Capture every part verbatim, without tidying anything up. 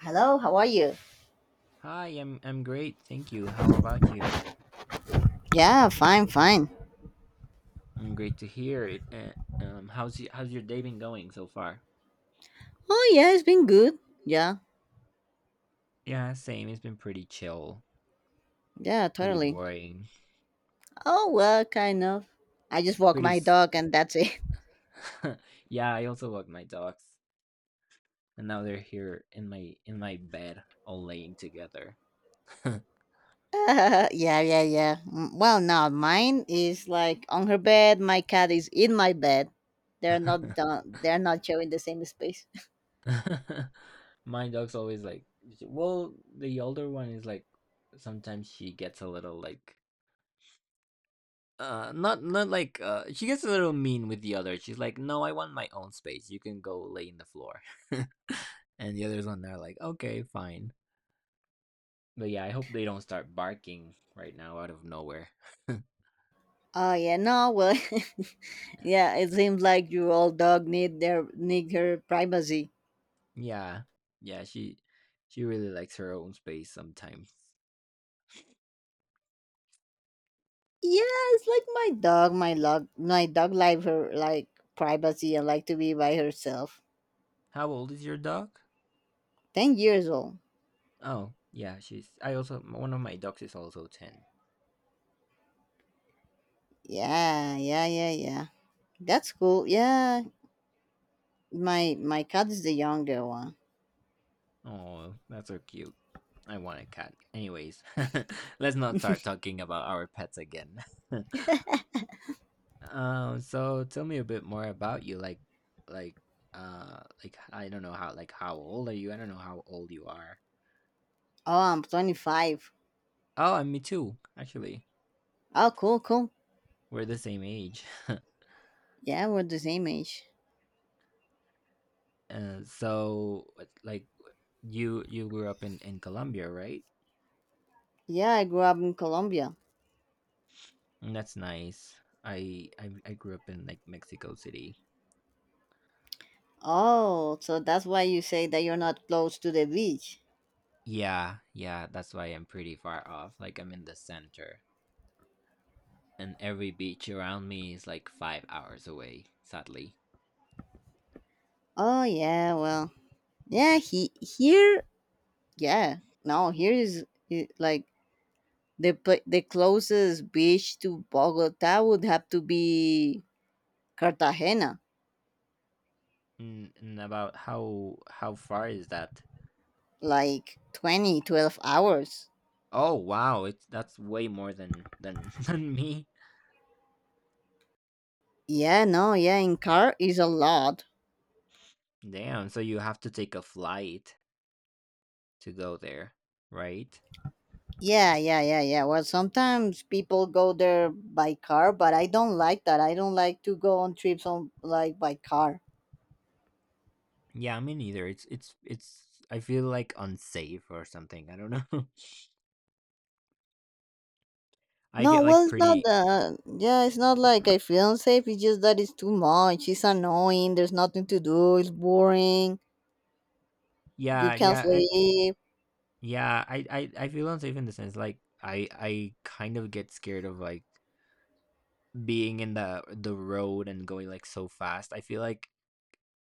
Hello, how are you? Hi, I'm I'm great, thank you. How about you? Yeah, fine, fine. Mm, great to hear it. Uh, um, how's y- how's your day been going so far? Oh, yeah, it's been good. Yeah, Yeah, same. It's been pretty chill, yeah, pretty totally. boring, Oh, well, kind of. I just walk pretty. my s- dog and that's it. Yeah, I also walked my dogs, and now they're here in my in my bed, all laying together. Yeah, yeah, yeah. Mm, well, now mine is like on her bed. My cat is in my bed. They're not done. They're not sharing the same space. My dog's always like, well, the older one is like, sometimes she gets a little like Uh, not not like uh, she gets a little mean with the other. She's like, "No, I want my own space. You can go lay in the floor." And the others on there are like, "Okay, fine." But yeah, I hope they don't start barking right now out of nowhere. Oh yeah, no. Well, yeah. It seems like your old dog need their need her privacy. Yeah, yeah, she she really likes her own space sometimes. Yes, like my dog, my dog, my dog like her, like privacy and like to be by herself. How old is your dog? Ten years old. Oh, yeah, she's. I also one of my dogs is also ten. Yeah, yeah, yeah, yeah. That's cool. Yeah, my my cat is the younger one. Oh, that's so cute. I want a cat. Anyways, let's not start talking about our pets again. Um, so tell me a bit more about you. Like, like, uh, like I don't know how. Like, how old are you? I don't know how old you are. Oh, I'm twenty-five. Oh, and me too. Actually, Oh, cool, cool. we're the same age. Yeah, we're the same age. uh, so what- like, w- you you grew up in in Colombia, right? Yeah, I grew up in Colombia. Mm, that's nice. I I I grew up in like Mexico City. Oh, so that's why you say that you're not close to the beach. Yeah, yeah. That's why I'm pretty far off. Like I'm in the center, and every beach around me is like five hours away. Sadly. Oh yeah, well, yeah, he here, yeah. No, here is, i- like The pla the closest beach to Bogota would have to be Cartagena, Mm, and about how how far is that? like twenty twelve hours. Oh wow, it's that's way more than than than me. Yeah, no, yeah, in car is a lot. Damn, so you have to take a flight to go there, right? Yeah, yeah, yeah, yeah. Well, sometimes people go there by car, but I don't like that. I don't like to go on trips on, like, by car. Yeah, me neither. It's it's it's I feel like unsafe or something. I don't know. I No, get well, like it's not pretty that. Yeah, it's not like I feel unsafe. It's just that it's too much. It's annoying. There's nothing to do. It's boring. You yeah, can't yeah, I sleep. yeah, I, I I feel unsafe in the sense like I I kind of get scared of like being in the the road and going like so fast. I feel like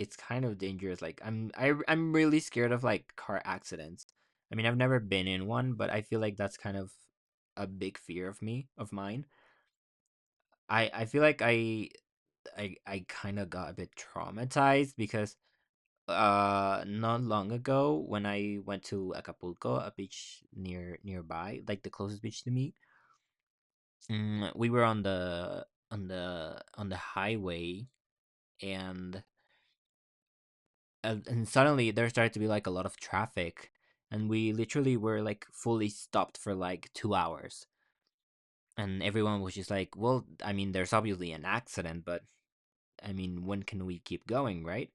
it's kind of dangerous, like, I'm I I'm really scared of, like, car accidents. I mean, I've never been in one, but I feel like that's kind of a big fear of me of mine. I I feel like I I I kinda got a bit traumatized because, uh, not long ago when I went to Acapulco, a beach near nearby, like, the closest beach to me, mm, we were on the on the on the highway, and and, and suddenly there started to be like a lot of traffic, and we literally were like fully stopped for like two hours. And everyone was just like, well, I mean there's obviously an accident, but I mean when can we keep going, right?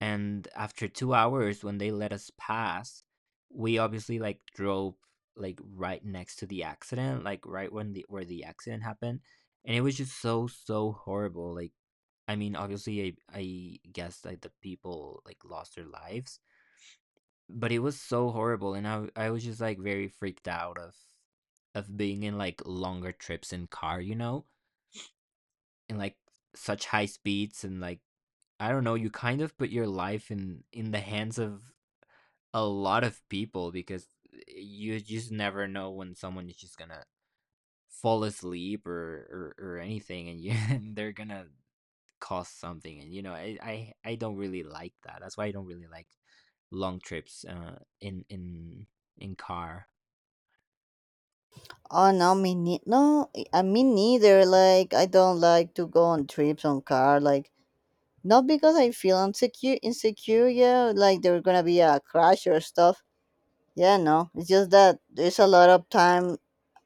And after two hours when they let us pass, we obviously like drove like right next to the accident, like right when the where the accident happened. And it was just so so horrible. Like, I mean obviously i, I guess like the people like lost their lives, but it was so horrible, and I I was just, like, very freaked out of of being in, like, longer trips in car, you know? And, like, such high speeds and, like, I don't know, you kind of put your life in in the hands of a lot of people because you just never know when someone is just gonna fall asleep or or, or anything, and you and they're gonna cause something, and, you know, I I I don't really like that. That's why I don't really like long trips, uh, in in in car. Oh no, me ne- no, I I- me neither. Like, I don't like to go on trips on car. Like, not because I feel insecure, insecure. Yeah, like there's gonna be a crash or stuff. Yeah, no, it's just that there's a lot of time.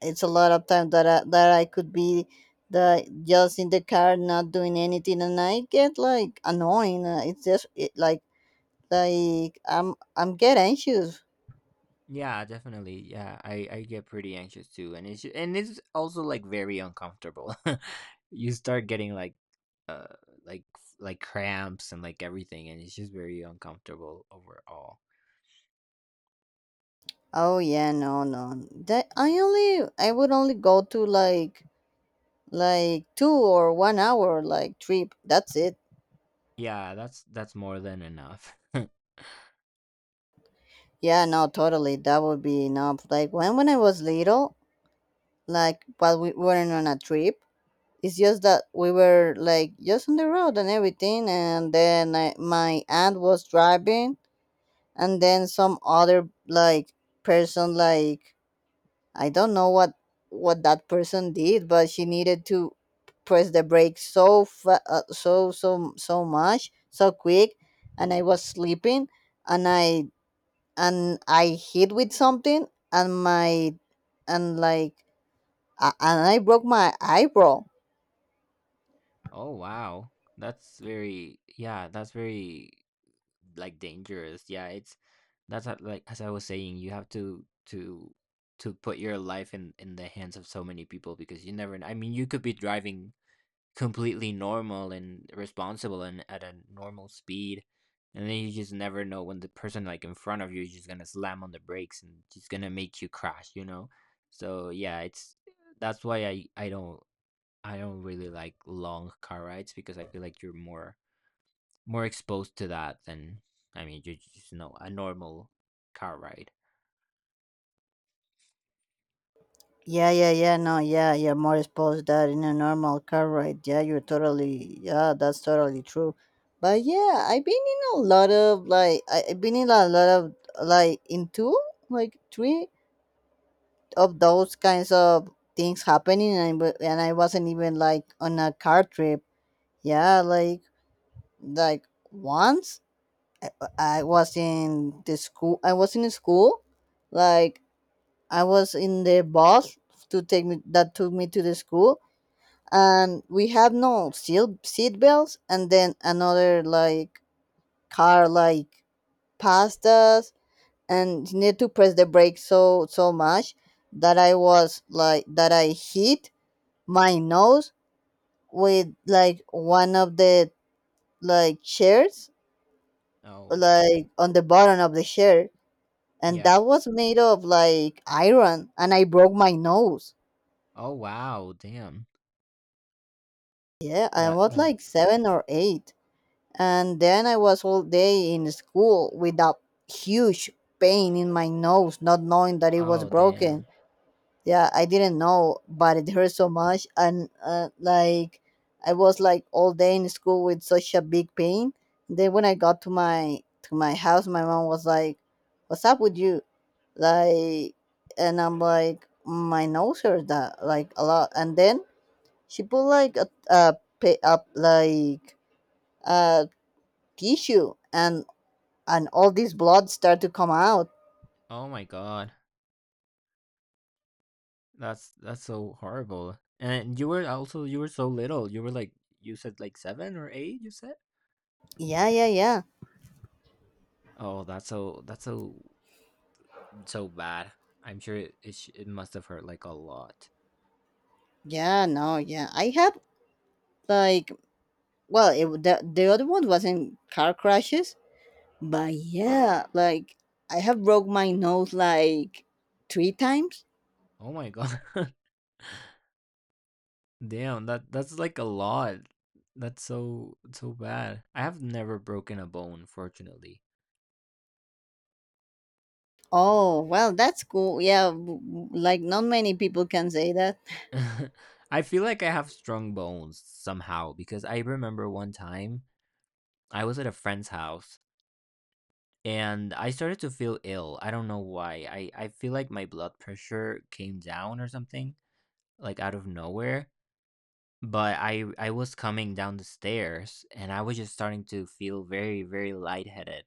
It's a lot of time that I, that I could be the just in the car not doing anything, and I get like annoying. Uh, it's just it, like like I'm I'm get anxious. Yeah, definitely. Yeah, I I get pretty anxious too, and it's ju- and it's also like very uncomfortable. You start getting like uh like like cramps and like everything, and it's just very uncomfortable overall. Oh yeah, no, no. That I only I would only go to, like, like two or one hour, like, trip. That's it. Yeah, that's that's more than enough. Yeah, no, totally, that would be enough. Like, when when I was little, like, but we weren't on a trip. It's just that we were, like, just on the road and everything. And then I, my aunt was driving, and then some other, like, person, like, I don't know what what that person did, but she needed to press the brakes so fa- uh, so so so much, so quick. And I was sleeping, and I and I hit with something, and my and like uh, and I broke my eyebrow. Oh wow. That's very yeah, that's very like dangerous. Yeah, it's that's how- like as I was saying, you have to to to put your life in in the hands of so many people because you never kn- I mean, you could be driving completely normal and responsible and at a normal speed. And then you just never know when the person like in front of you is just gonna slam on the brakes and just gonna make you crash, you know? So yeah, it's that's why I I don't I don't really like long car rides because I feel like you're more more exposed to that than I mean you just know a normal car ride. Yeah, yeah, yeah, no, yeah, yeah, more exposed that in a normal car ride. Yeah, you're totally, yeah, that's totally true. But yeah, I've been in a lot of, like, I, I've been in a lot of, like, in two, like, three of those kinds of things happening. And I, wa- and I wasn't even, like, on a car trip. Yeah, like, like, once I, I was in the school. I was in the school, like, I was in the bus to take me, that took me to the school, and we have no seat seat belts. And then another, like, car, like, passed us and need to press the brake so so much, that I was like that I hit my nose with, like, one of the, like, chairs, Oh like on the bottom of the chair, and yeah. that was made of, like, iron. And I broke my nose. Oh wow, damn. Yeah, I That was that like seven or eight. And then I was all day in school with a huge pain in my nose, not knowing that it was Oh broken. damn. Yeah, I didn't know, but it hurt so much. And uh, like, I was like all day in school with such a big pain. Then when I got to my to my house, my mom was like, "What's up with you?" Like, and I'm like, "My nose hurts that like a lot." And then she put like a a, pa- a like a tissue, and and all this blood start to come out. Oh my god. That's that's so horrible. And you were also you were so little. You were like you said like seven or eight. You said. Yeah, yeah, yeah, Oh, that's so that's so so bad. I'm sure it it, sh- it must have hurt like a lot. yeah, no, yeah, I had, like, well, it, w- the, the other one wasn't car crashes. But yeah, like, I have broke my nose like three times. Oh my god, damn that that's like a lot. That's so so bad. I have never broken a bone, fortunately. Oh well, that's cool. Yeah, w- w- like, not many people can say that. I feel like I have strong bones somehow because I remember one time I was at a friend's house and I started to feel ill. I don't know why. I, I feel like my blood pressure came down or something, like out of nowhere. But I I was coming down the stairs and I was just starting to feel very, very lightheaded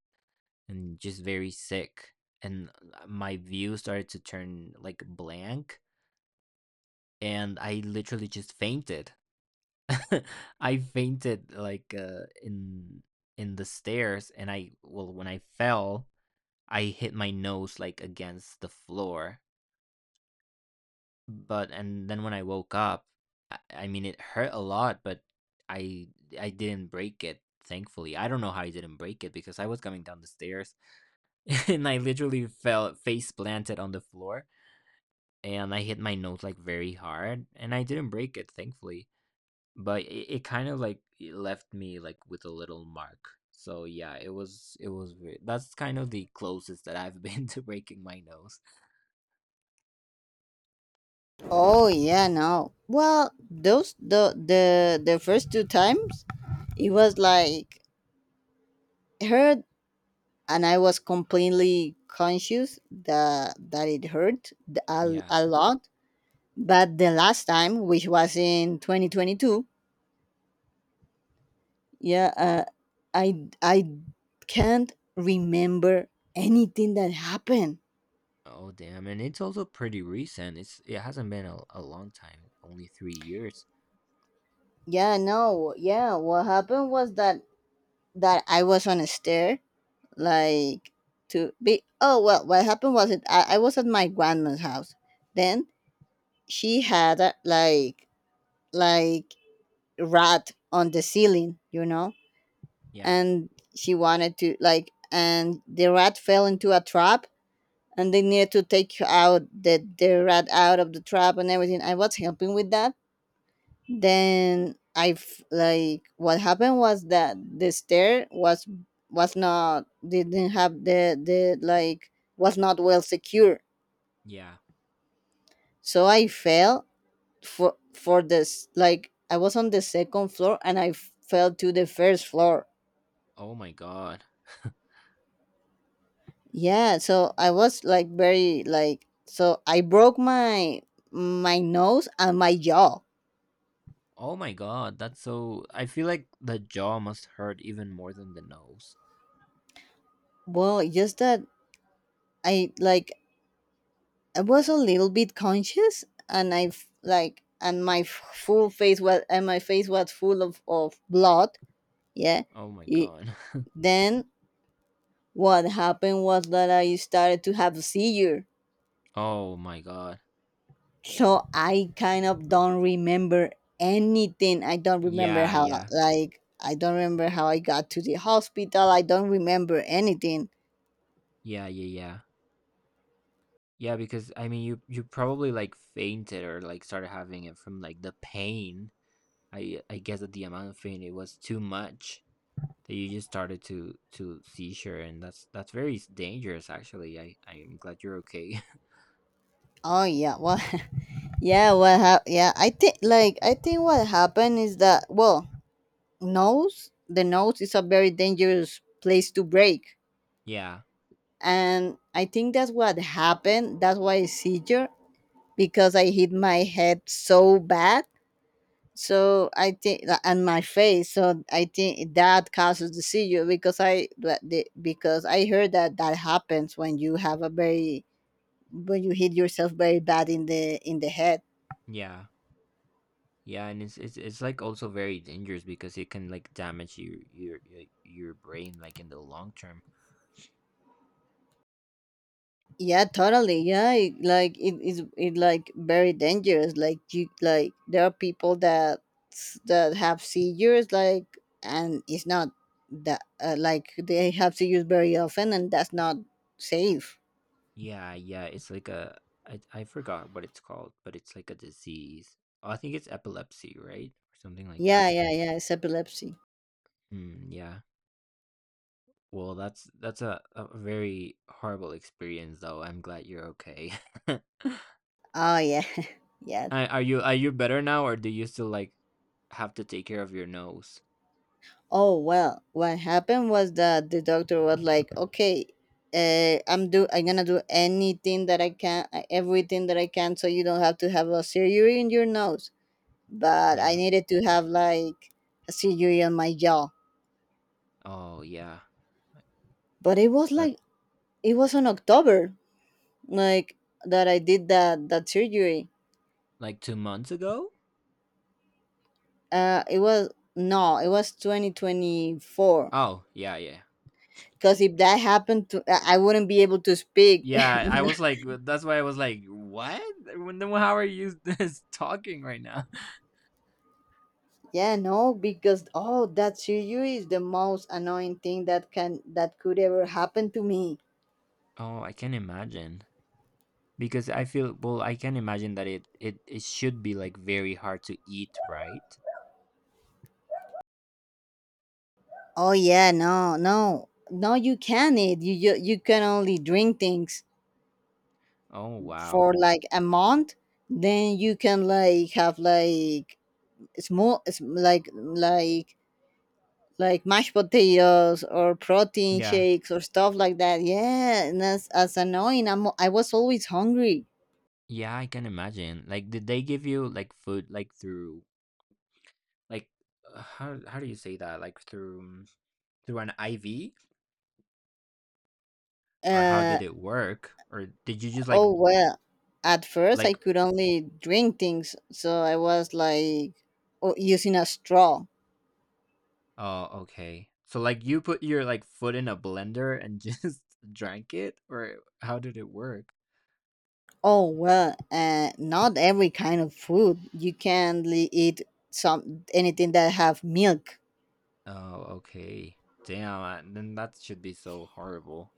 and just very sick. And uh, my view started to turn like blank and I literally just fainted. I fainted like uh, in in the stairs, and I well when I fell I hit my nose like against the floor. But and then when I woke up, I, I mean it hurt a lot, but I I didn't break it. Thankfully, I don't know how I didn't break it because I was coming down the stairs and I literally fell face planted on the floor and I hit my nose like very hard, and I didn't break it. Thankfully, but it, it kind of like it left me like with a little mark. So yeah, it was it was weird. That's kind of the closest that I've been to breaking my nose. Oh yeah, no, well, those, the the the first two times, it was like her, and I was completely conscious that that it hurt th- a, Yeah. a lot. But the last time, which was in twenty twenty-two, yeah, uh, I I can't remember anything that happened. Oh, damn. And it's also pretty recent. It's it hasn't been a, a long time, only three years. Yeah, no, yeah, what happened was that that I was on a stair, like to be. Oh well, what happened was it I, I was at my grandma's house. Then she had a, like like rat on the ceiling, you know? Yeah, And she wanted to, like, and the rat fell into a trap, and they needed to take out the, the rat out of the trap and everything. I was helping with that. Then I, f- like, what happened was that the stair was, was not, didn't have the, the, like, was not well secure. yeah. So I fell for, for this, like, I was on the second floor and I fell to the first floor. Oh my God. Yeah, so I was like very, like, so I broke my my nose and my jaw. Oh my God. That's so. I feel like the jaw must hurt even more than the nose. Well, just that I like I was a little bit conscious, and I f- like and my f- full face was and my face was full of of blood. Yeah. Oh my Y- God. Then what happened was that I started to have a seizure. Oh my God. So I kind of don't remember anything. I don't remember Yeah, how yeah. like I don't remember how I got to the hospital. I don't remember anything. Yeah, yeah, yeah. Yeah, because I mean you you probably like fainted or like started having it from like the pain. I I guess that the amount of pain it was too much, that you just started to to seizure. And that's that's very s- dangerous actually. I i'm glad you're okay. Oh yeah, well, yeah, what hap- yeah, I think like I think what happened is that, well, nose the nose is a very dangerous place to break. Yeah, And I think that's what happened. That's why I seizure, because I hit my head so bad. So I think that, and my face. So I think that causes the seizure, because I that the- because I heard that that happens when you have a very when you hit yourself very bad in the in the head. yeah, yeah. And it's, it's it's like also very dangerous because it can like damage your your your your brain like in the long term. Yeah, totally. Yeah, it, like it is it like very dangerous. Like, you, like, there are people that that have seizures like, and it's not that uh, like they have seizures very often, and that's not safe. Yeah, yeah, it's like a I, I forgot what it's called, but it's like a disease. Oh, I think it's epilepsy, right, or something like Yeah, that. yeah, yeah. It's epilepsy. Mm, yeah. Well, that's that's a, a very horrible experience though. I'm glad you're okay. Oh yeah, yeah. Uh, are you are you better now or do you still like have to take care of your nose? Oh well, what happened was that the doctor was like, "Okay, uh, I'm do I'm gonna do anything that I can, uh, everything that I can, so you don't have to have a surgery in your nose." But I Yeah. needed to have like a surgery on my jaw. Oh, yeah. But it was That like it was on October, like, that I did that that surgery. like two months ago? Uh, it was, no, it was twenty twenty four. Oh, yeah, yeah. Because if that happened to, I I wouldn't be able to speak. Yeah, I was like that's why I was like, "What? When- then how are you this talking right now?" Yeah, no, because, oh, that Shiryu is the most annoying thing that can that could ever happen to me. Oh, I can imagine. Because I feel well, I can imagine that it it it should be like very hard to eat, right? Oh yeah, no, no, no, you can't eat. You you, you can only drink things Oh, wow. for like a month. Then you can, like, have, like, small s- like like like mashed potatoes or protein Yeah. shakes or stuff like that. Yeah, and that's as annoying. I'm, I was always hungry. Yeah, I can imagine. Like, did they give you like food like through like uh, how how do you say that? Like through um, through an I V or how Uh, did it work? Or did you just like Oh, well, at first I like could only drink things, so I was like o- using a straw. oh okay. So like you put your like foot in a blender and just drank it or how did it work? Oh, well, uh, not every kind of food. You can not eat some anything that have milk. Oh, okay. Damn, uh, then that should be so horrible.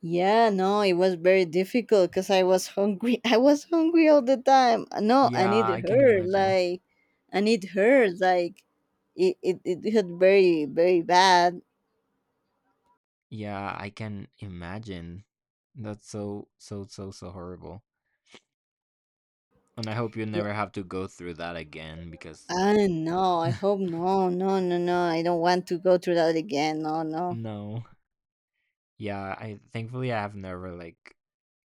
Yeah, no, it was very difficult because I was hungry. I was hungry all the time. No, I Yeah, need I can her. imagine. Like, I need her. Like, it, it, it hurt very, very bad. Yeah, I can imagine. That's so so so so horrible. And I hope you Yeah, never have to go through that again because Ah, no, I hope no, no, no, no. I don't want to go through that again. No, no. no. Yeah, I thankfully I have never like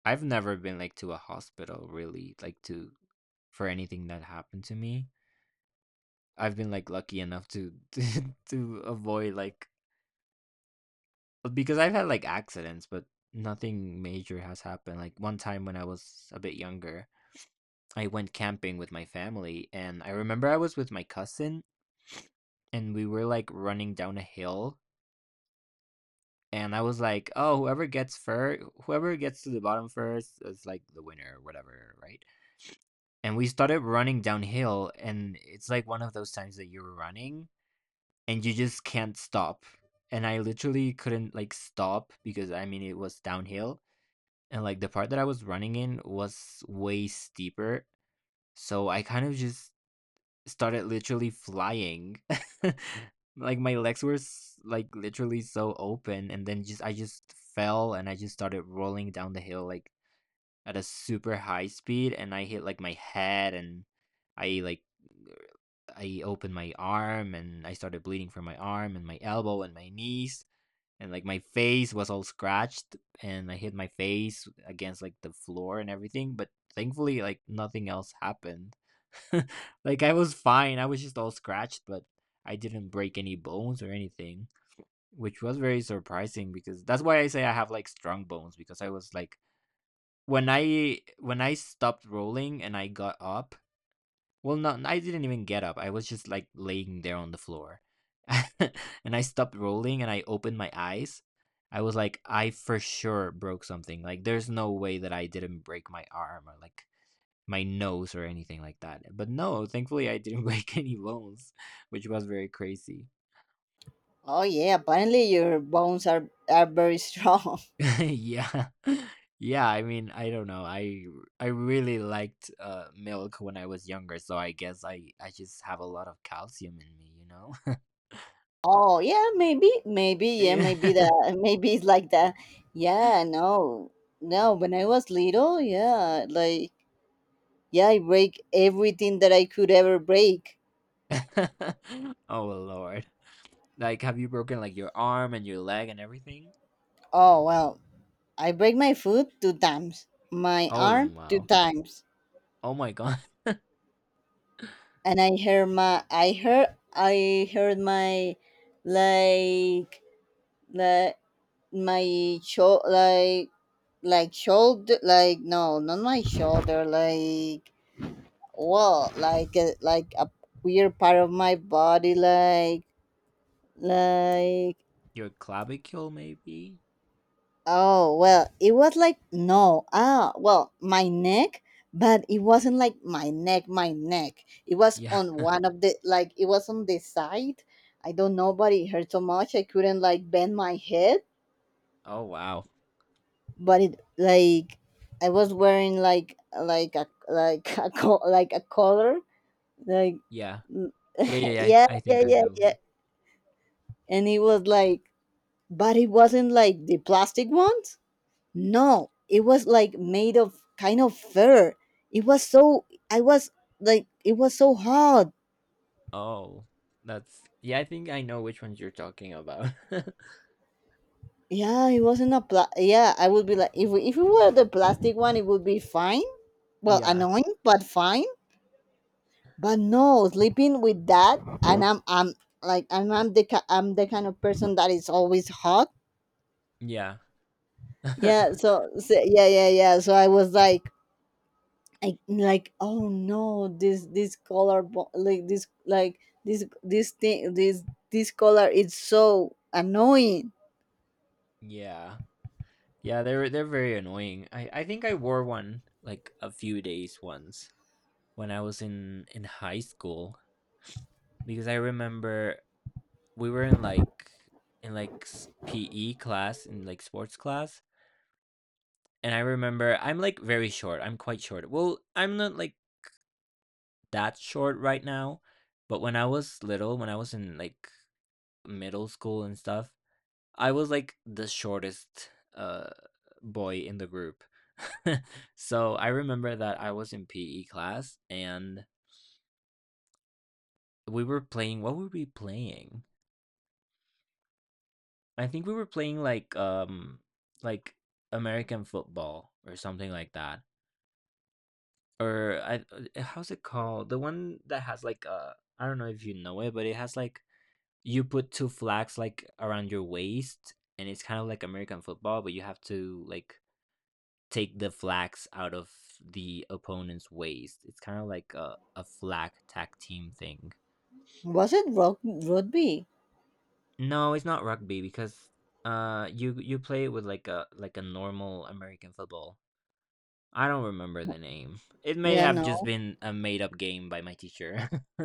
I've never been like to a hospital really like to for anything that happened to me. I've been like lucky enough to to, to avoid like because I've had like accidents, but nothing major has happened. Like one time when I was a bit younger, I went camping with my family, and I remember I was with my cousin, and we were like running down a hill. And I was like, "Oh, whoever gets first, whoever gets to the bottom first is, like, the winner or whatever, right?" And we started running downhill, and it's, like, one of those times that you're running and you just can't stop. And I literally couldn't, like, stop because, I mean, it was downhill, and, like, the part that I was running in was way steeper, so I kind of just started literally flying. Like my legs were s- like literally so open, and then just I just fell and I just started rolling down the hill like at a super high speed, and I hit like my head, and I like I opened my arm and I started bleeding from my arm and my elbow and my knees, and like my face was all scratched and I hit my face against like the floor and everything. But thankfully, like, nothing else happened. Like, I was fine. I was just all scratched, but I didn't break any bones or anything, which was very surprising. Because that's why I say I have like strong bones, because I was like, when I when I stopped rolling and I got up, well, no, I I didn't even get up. I was just like laying there on the floor. And I stopped rolling and I opened my eyes. I was like, I for sure broke something. Like, there's no way that I didn't break my arm or like my nose or anything like that. But no, thankfully, I didn't break any bones, which was very crazy. Oh yeah, apparently your bones are are very strong. Yeah. Yeah, I mean, I don't know. I I really liked uh, milk when I was younger, so I guess I I just have a lot of calcium in me, you know. Oh yeah, maybe, maybe yeah, maybe Yeah. that, maybe it's like that. Yeah, no, no. When I was little, yeah, like, yeah, I break everything that I could ever break. Oh, well, lord. Like, have you broken like your arm and your leg and everything? Oh well, I break my foot two times, my Oh, arm two wow. times, Oh my god. and I heard my I heard I heard my, like, like my show, like, like shoulder, like, no, not my shoulder, like, well, like a, like a weird part of my body, like, like. Your clavicle maybe? Oh, well, it was like, no, ah, well, my neck, but it wasn't like my neck, my neck. It was Yeah. on one of the, like, it was on the side. I don't know, but it hurt so much. I couldn't, like, bend my head, Oh, wow. but it, like, I was wearing, like, like a, like, a, co- like a collar, like, Yeah. Yeah, yeah, yeah. I, th- yeah, I yeah, think I yeah, know. yeah. who- And it was like, but it wasn't like the plastic ones. No, it was like made of kind of fur. It was so I was like it was so hard. Oh, that's, yeah, I think I know which ones you're talking about. Yeah, it wasn't a pla- yeah, I would be like if we, if it were the plastic one it would be fine. Well, Yeah. annoying but fine. But no, sleeping with that and I'm I'm like I'm, I'm the ki- I'm the kind of person that is always hot. Yeah. Yeah, so, so yeah, yeah, yeah. So I was like I, like oh no this this color bo- like this like this this thing this this color is so annoying. Yeah. Yeah, they're they're very annoying. I I think I wore one like a few days once when I was in in high school, because I remember we were in like in like s- P E class, in like sports class, and I remember I'm like very short. I'm quite short. Well, I'm not like that short right now, but when I was little, when I was in like middle school and stuff, I was like the shortest uh boy in the group. So I remember that I was in P E class, and we were playing, what were we playing? I think we were playing like, um, like American football or something like that. Or I, uh, how's it called? The one that has like, uh, I don't know if you know it, but it has like, you put two flags like around your waist, and it's kind of like American football, but you have to like take the flags out of the opponent's waist. It's kind of like a, a flag tag team thing. Was it rug- rugby? No, it's not rugby because uh you you play it with like a like a normal American football. I don't remember the name. It may Yeah, have just no. been a made up game by my teacher.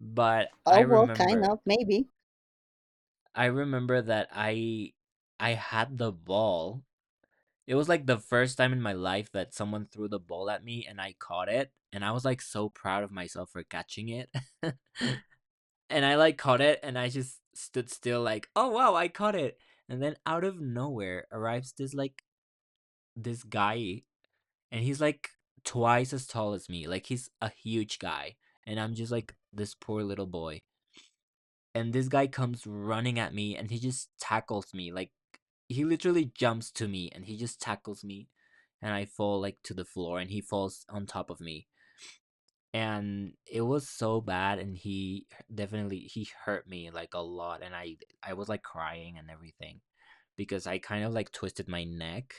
But I Oh well, kind remember, of maybe. I remember that I I had the ball. It was like the first time in my life that someone threw the ball at me and I caught it, and I was like so proud of myself for catching it. And I like caught it and I just stood still like, "Oh, wow, I caught it." And then out of nowhere arrives this like, this guy, and he's like twice as tall as me. Like, he's a huge guy, and I'm just like this poor little boy. And this guy comes running at me, and he just tackles me. Like, he literally jumps to me, and he just tackles me, and I fall like to the floor, and he falls on top of me. And it was so bad, and he, definitely, he hurt me like a lot, and I I was like crying and everything because I kind of like twisted my neck.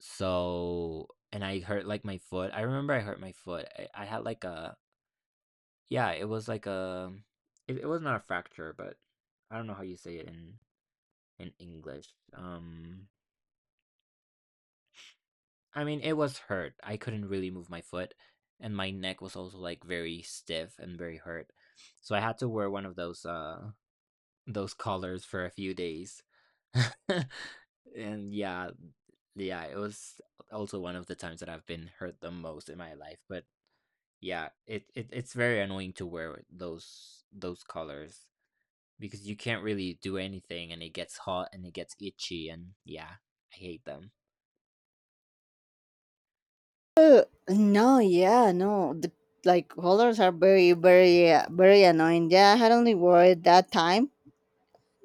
So, and I hurt, like, my foot. I remember I hurt my foot. I I had, like, a, yeah, it was like a, it it was not a fracture, but I don't know how you say it in in English. Um, I mean, it was hurt. I couldn't really move my foot, and my neck was also, like, very stiff and very hurt. So I had to wear one of those, uh those collars for a few days. And yeah, yeah, it was also one of the times that I've been hurt the most in my life. But yeah, it, it it's very annoying to wear those those colors because you can't really do anything, and it gets hot and it gets itchy, and yeah, I hate them. uh, no, yeah, no, the like colors are very very uh, very annoying. Yeah, I had only worried that time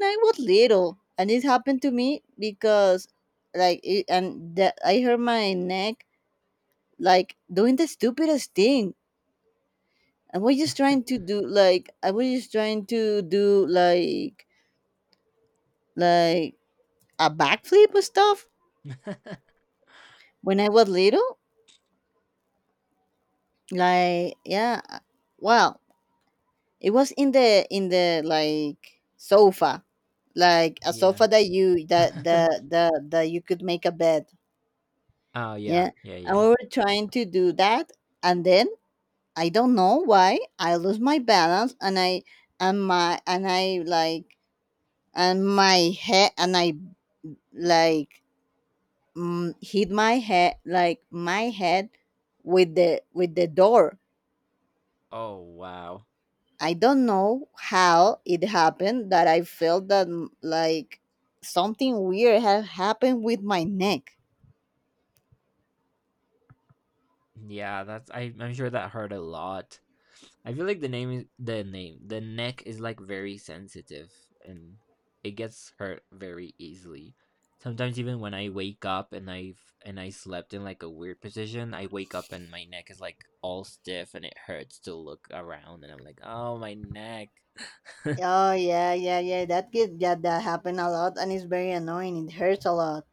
I was little and it happened to me because like it, and that I hurt my neck like doing the stupidest thing. I was just trying to do like I was just trying to do like like a backflip and stuff when I was little. Like yeah, well, it was in the in the like sofa, like a sofa Yeah. that you that that that, that you could make a bed. Oh, yeah, Yeah, yeah, and yeah. we were trying to do that, and then I don't know why I lose my balance and I and my and I like and my head and I like mm, hit my head like my head with the with the door. Oh, wow. I don't know how it happened that I felt that, mm, like something weird had happened with my neck. Yeah, that's, I I'm sure that hurt a lot. I feel like the name is the name. The neck is like very sensitive, and it gets hurt very easily. Sometimes even when I wake up and I've, and I slept in like a weird position, I wake up and my neck is like all stiff, and it hurts to look around, and I'm like, "Oh, my neck." Oh yeah, yeah, yeah. That get yeah, that happen a lot, and it's very annoying. It hurts a lot.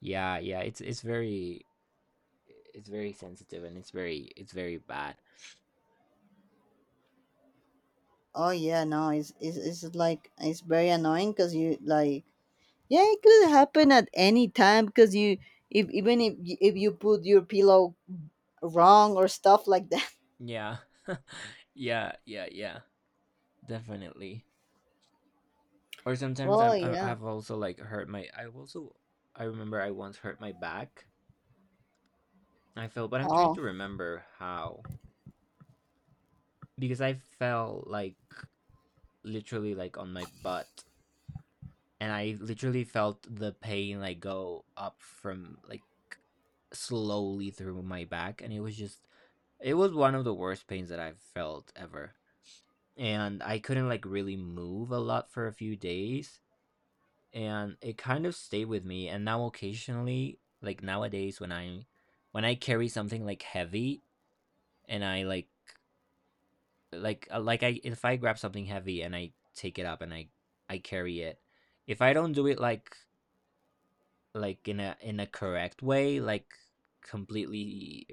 Yeah, yeah, it's it's very, it's very sensitive, and it's very it's very bad. Oh yeah, no, it's it's, it's like it's very annoying because you like yeah it could happen at any time because you if even if, y- if you put your pillow wrong or stuff like. Yeah. Yeah, yeah, yeah. Definitely. Or sometimes Oh I'm, I yeah. I've also, like, hurt my, I also, I remember I once hurt my back. I fell, but I'm trying Oh. to remember how, because I fell, like, literally, like, on my butt, and I literally felt the pain, like, go up from, like, slowly through my back, and it was just, it was one of the worst pains that I've felt ever, and I couldn't, like, really move a lot for a few days, and it kind of stayed with me. And now occasionally, like nowadays, when i when i carry something like heavy, and I like like uh, like I if I grab something heavy and I take it up and I i carry it, if I don't do it like, like in a in a correct way, like completely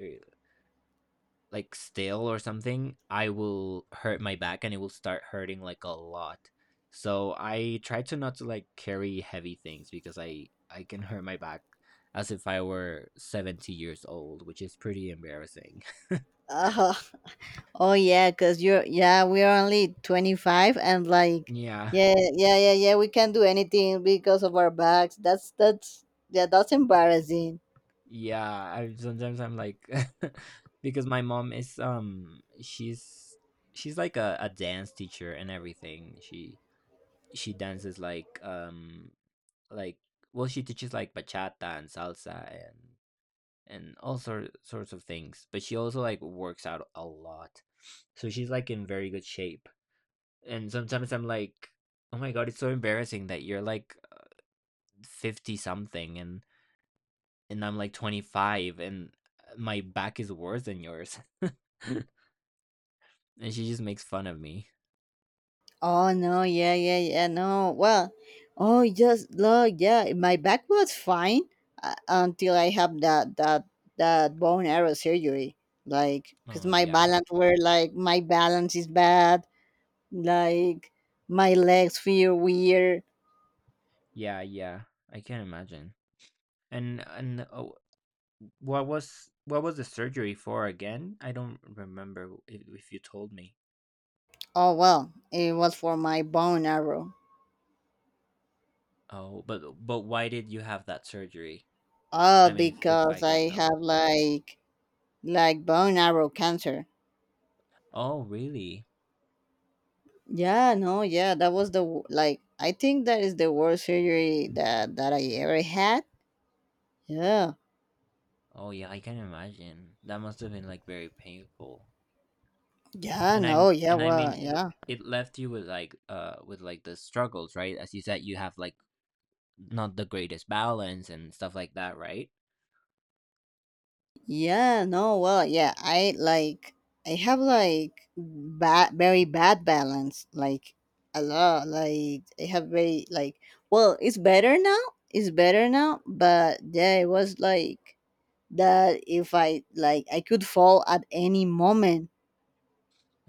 like still or something, I will hurt my back, and it will start hurting like a lot. So I try to not to like carry heavy things because I I can hurt my back as if I were seventy years old, which is pretty embarrassing. Uh, oh yeah, cause you're yeah, we're only twenty five and like Yeah. yeah, yeah, yeah, yeah, we can't do anything because of our backs. That's that's yeah, that's embarrassing. Yeah, I sometimes I'm like because my mom is um she's, she's like a, a dance teacher and everything. She she dances like um like well, she teaches like bachata and salsa and, and all sort, sorts of things, but she also like works out a lot, so she's like in very good shape. And sometimes I'm like, oh my god, it's so embarrassing that you're like fifty something, and and I'm like twenty-five, and uh, my back is worse than yours, and she just makes fun of me. Oh no, yeah, yeah, yeah, no. Well, oh just look, yeah, my back was fine uh, until I have that that that bone arrow surgery. Like, cause Oh, my yeah, balance were like my balance is bad. Like my legs feel weird. yeah, yeah, I can't imagine. And and uh, what was what was the surgery for again? I don't remember if, if you told me. Oh well, it was for my bone arrow. Oh, but but why did you have that surgery? Oh, I mean, if if I because can I know. have like like bone arrow cancer. Oh, really? Yeah, no, yeah, that was the w- like I think that is the worst surgery that that I ever had. Yeah, Oh, yeah, I can imagine. That must have been like very painful. yeah, And no, I'm, yeah, and I well, mean, it yeah. it left you with like uh with like the struggles, right? As you said, you have like not the greatest balance and stuff like that, right? Yeah, no, well, yeah, I like I have like bad, very bad balance, like a lot. Like I have very like well, it's better now. It's better now, but yeah, it was like that. If I like, I could fall at any moment.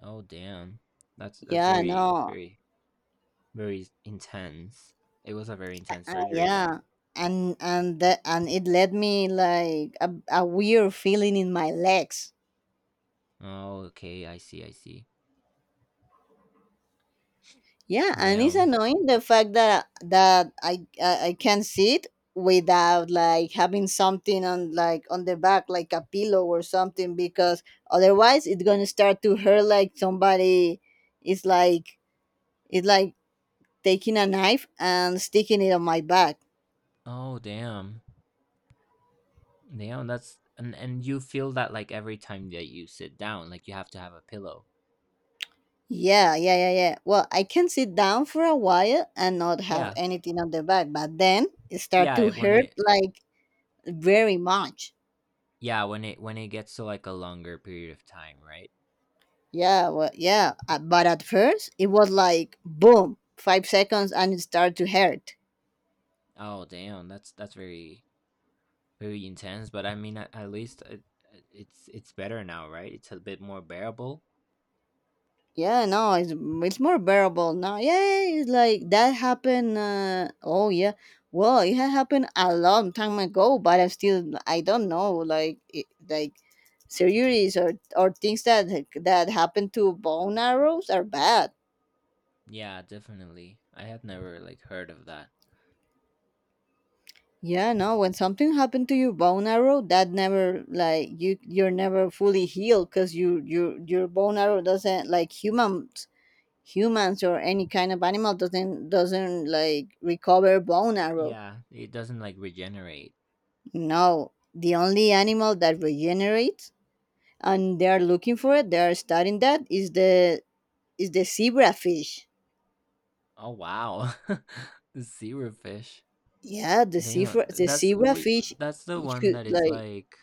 Oh, damn. That's that's Yeah, very no, very very intense. It was a very uh, intense uh, surgery yeah, then. and and that and it led me like a, a weird feeling in my legs. Oh, okay, I see, I see. Yeah, and it's Damn. annoying the fact that that I I, I can see it without like having something on like on the back like a pillow or something because otherwise it's gonna start to hurt like somebody is like it's like taking a knife and sticking it on my back. Oh, damn. Damn, that's, and and you feel that like every time that you sit down, like you have to have a pillow. Yeah, yeah, yeah, yeah. Well, I can sit down for a while and not have Yeah. anything on the back, but then it start Yeah, to it- when hurt it like very much. yeah, when it when it gets to like a longer period of time, right? Yeah, well, yeah. uh, But at first, it was like boom, five seconds, and it started to hurt. Oh, damn, that's that's very very intense, but I mean, at, at least it, it's it's better now, right? It's a bit more bearable. Yeah, no, it's it's more bearable now. Yeah, yeah, yeah, it's like that happened. Uh, oh yeah, well, it had happened a long time ago, but I still I don't know like it, like surgeries or or things that that happen to bone arrows are bad. Yeah, definitely. I have never like heard of that. Yeah, no, when something happened to your bone arrow, that never like you you're never fully healed because you you your bone arrow doesn't like humans humans or any kind of animal doesn't doesn't like recover bone arrow. Yeah, it doesn't like regenerate. No. The only animal that regenerates and they are looking for it, they are studying that is the is the zebra fish. Oh, wow. The zero fish. Yeah, the zebra Damn, the that's zebra we fish that's the one should that is like. like,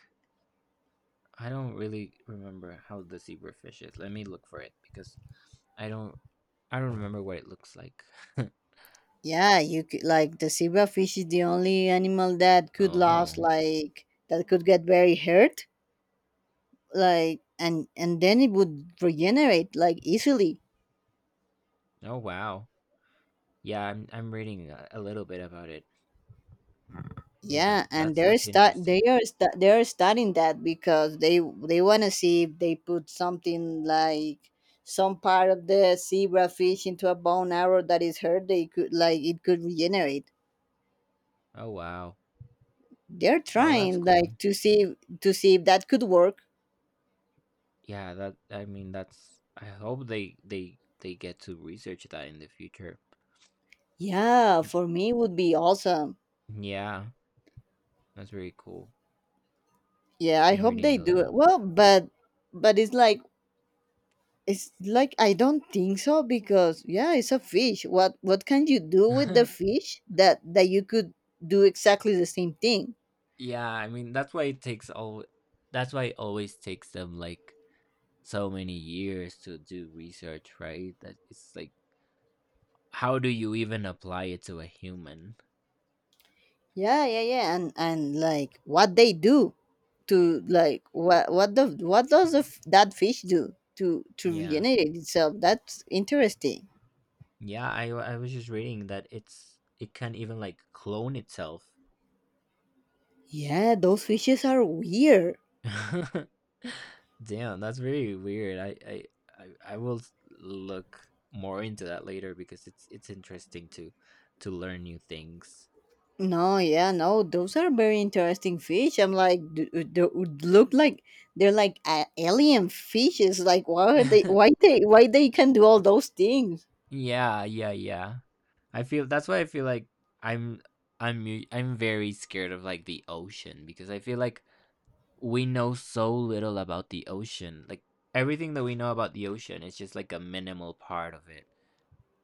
I don't really remember how the zebra fish is. Let me look for it because I don't, I don't remember what it looks like. Yeah, you could like the zebra fish is the only animal that could lose Oh. like that could get very hurt like and and then it would regenerate like easily. Oh, wow. Yeah, I'm I'm reading a, a little bit about it. Yeah, Yeah, and that's they're that's start they interesting. are sta- they are studying that because they they want to see if they put something like some part of the zebra fish into a bone arrow that is hurt they could like it could regenerate. Oh, wow. They're Well, that's trying cool. like to see to see if that could work. Yeah, that, I mean, that's, I hope they they they get to research that in the future. Yeah, Mm. for me it would be awesome. Yeah, that's very cool. Yeah, I I'm hope they reading a do it. little. Well, but but it's like it's like I don't think so because yeah, it's a fish. What what can you do with the fish that that you could do exactly the same thing? Yeah, I mean, that's why it takes all, that's why it always takes them like so many years to do research, right? That it's like how do you even apply it to a human? Yeah, yeah, yeah. And and like what they do to like what what the what does the, f- that fish do to to Yeah. regenerate itself? That's interesting. Yeah, I w- I was just reading that it's it can't even like clone itself. Yeah, those fishes are weird. Damn, that's very weird. I I I, I will s- look more into that later because it's it's interesting to to learn new things. No, yeah, no, those are very interesting fish. I'm like, d- d- they would look like they're like a- alien fishes. Like, why are they? Why they? Why they can do all those things? Yeah, yeah, yeah. I feel that's why I feel like I'm I'm u- I'm very scared of like the ocean because I feel like we know so little about the ocean. Like everything that we know about the ocean is just like a minimal part of it.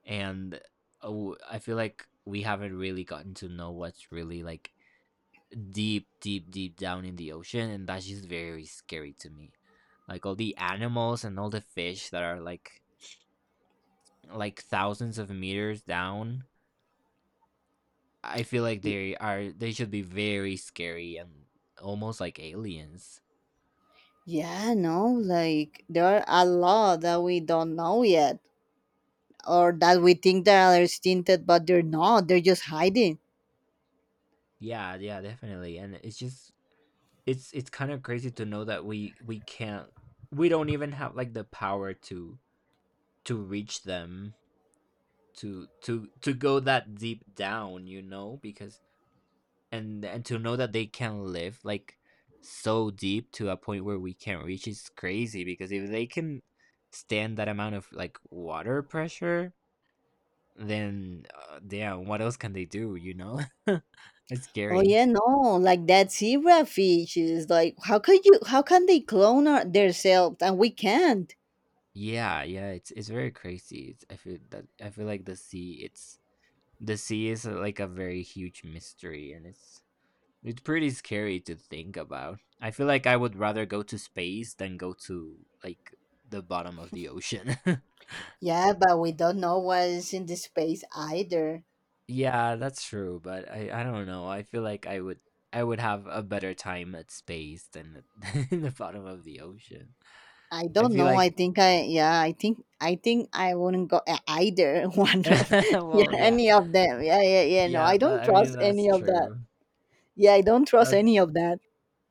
And oh, I feel like we haven't really gotten to know what's really like deep, deep, deep down in the ocean, and that's just very scary to me. Like all the animals and all the fish that are like like thousands of meters down, I feel like Y- they are they should be very scary and almost like aliens. Yeah, no, like there are a lot that we don't know yet, or that we think they are stinted, but they're not. They're just hiding. Yeah, yeah, definitely. And it's just it's it's kind of crazy to know that we we can't, we don't even have like the power to to reach them, to to to go that deep down, you know, because and and to know that they can live like so deep to a point where we can't reach is crazy, because if they can stand that amount of like water pressure, then uh, damn, what else can they do? You know, it's Oh scary. yeah, no, like that zebra fish is like, how could you? How can they clone our, themselves and we can't? Yeah, yeah, it's it's very crazy. It's, I feel that I feel like the sea. It's The sea is uh, like a very huge mystery, and it's it's pretty scary to think about. I feel like I would rather go to space than go to like the bottom of the ocean. Yeah, but we don't know what is in the space either. Yeah, that's true, but I I don't know. I feel like I would. I would have a better time at space than at the bottom of the ocean. I I don't feel know. I like think I yeah. I think I think I wouldn't go e- either one of yeah well, yeah. any of them. Yeah yeah yeah. No, Yeah, I don't that I mean, trust that's any of that. true. Yeah, I don't trust That's any of that.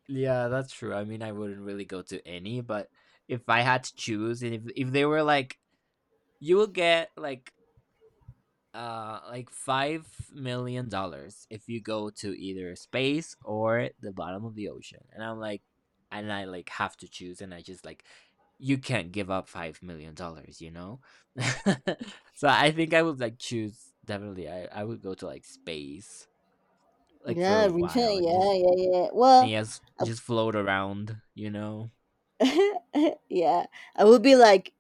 yeah, that's true. I mean, I wouldn't really go to any, but if I had to choose, and if if they were like, "You will get like uh like five million dollars if you go to either space or the bottom of the ocean," and I'm like, and I like have to choose, and I just like, you can't give up five million dollars, you know? So I think I would like choose, definitely. I I would go to like space, like for Yeah, a while reason. and Yeah just yeah yeah. and Well, yes, just float around, you know. I- yeah, I would be like,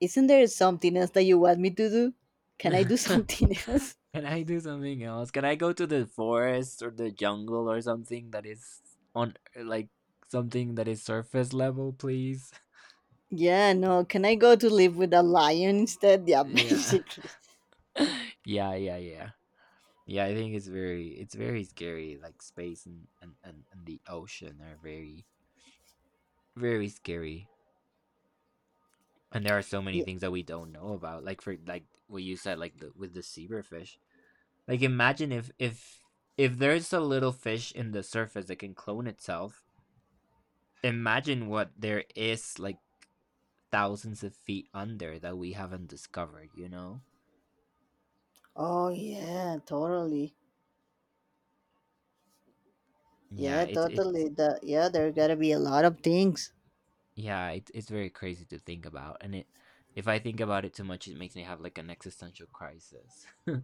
isn't there something else that you want me to do? Can I do Can something else? I do something else? Can I go to the forest or the jungle or something that is on like something that is surface level, please? Yeah, no. Can I go to live with a lion instead? Yeah, Yeah. basically. Yeah, yeah, yeah. Yeah, I think it's very it's very scary. Like space and, and, and, and the ocean are very very scary. And there are so many Yeah. things that we don't know about. Like for like what you said, like the, with the zebrafish. Like imagine if if if there's a little fish in the surface that can clone itself, imagine what there is like thousands of feet under that we haven't discovered, you know? Oh yeah, totally. Yeah, Yeah, it's totally. it's The yeah, there gotta be a lot of things. yeah, it's it's very crazy to think about, and it if I think about it too much, it makes me have like an existential crisis.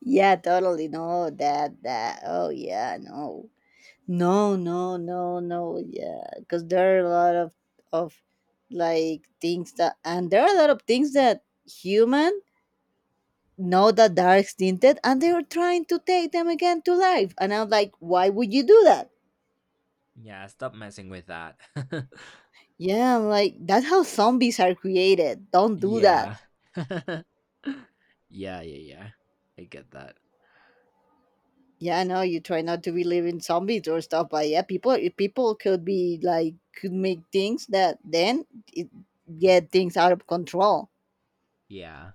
Yeah, totally. No, that that. Oh yeah, no, no, no, no, no. Yeah, because there are a lot of of like things that, and there are a lot of things that human know that they're extinted, and they are trying to take them again to life. And I'm like, why would you do that? Yeah, stop messing with that. Yeah, I'm like, that's how zombies are created. Don't do that. Yeah. Yeah, yeah, yeah. I get that. Yeah, no, you try not to believe in zombies or stuff, but yeah, people people could be like could make things that then it get things out of control. Yeah.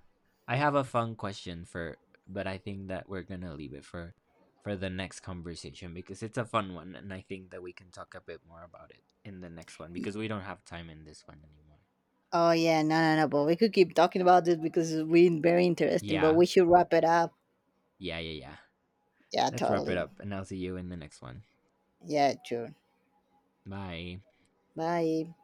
I have a fun question for but I think that we're gonna leave it for for the next conversation because it's a fun one, and I think that we can talk a bit more about it in the next one because we don't have time in this one anymore. Oh yeah, no, no, no, but we could keep talking about this because it's been very interesting. But Yeah. we should wrap it up. Yeah, yeah, yeah. Yeah, Let's wrap it totally. up and I'll see you in the next one. Yeah, sure. Bye. Bye.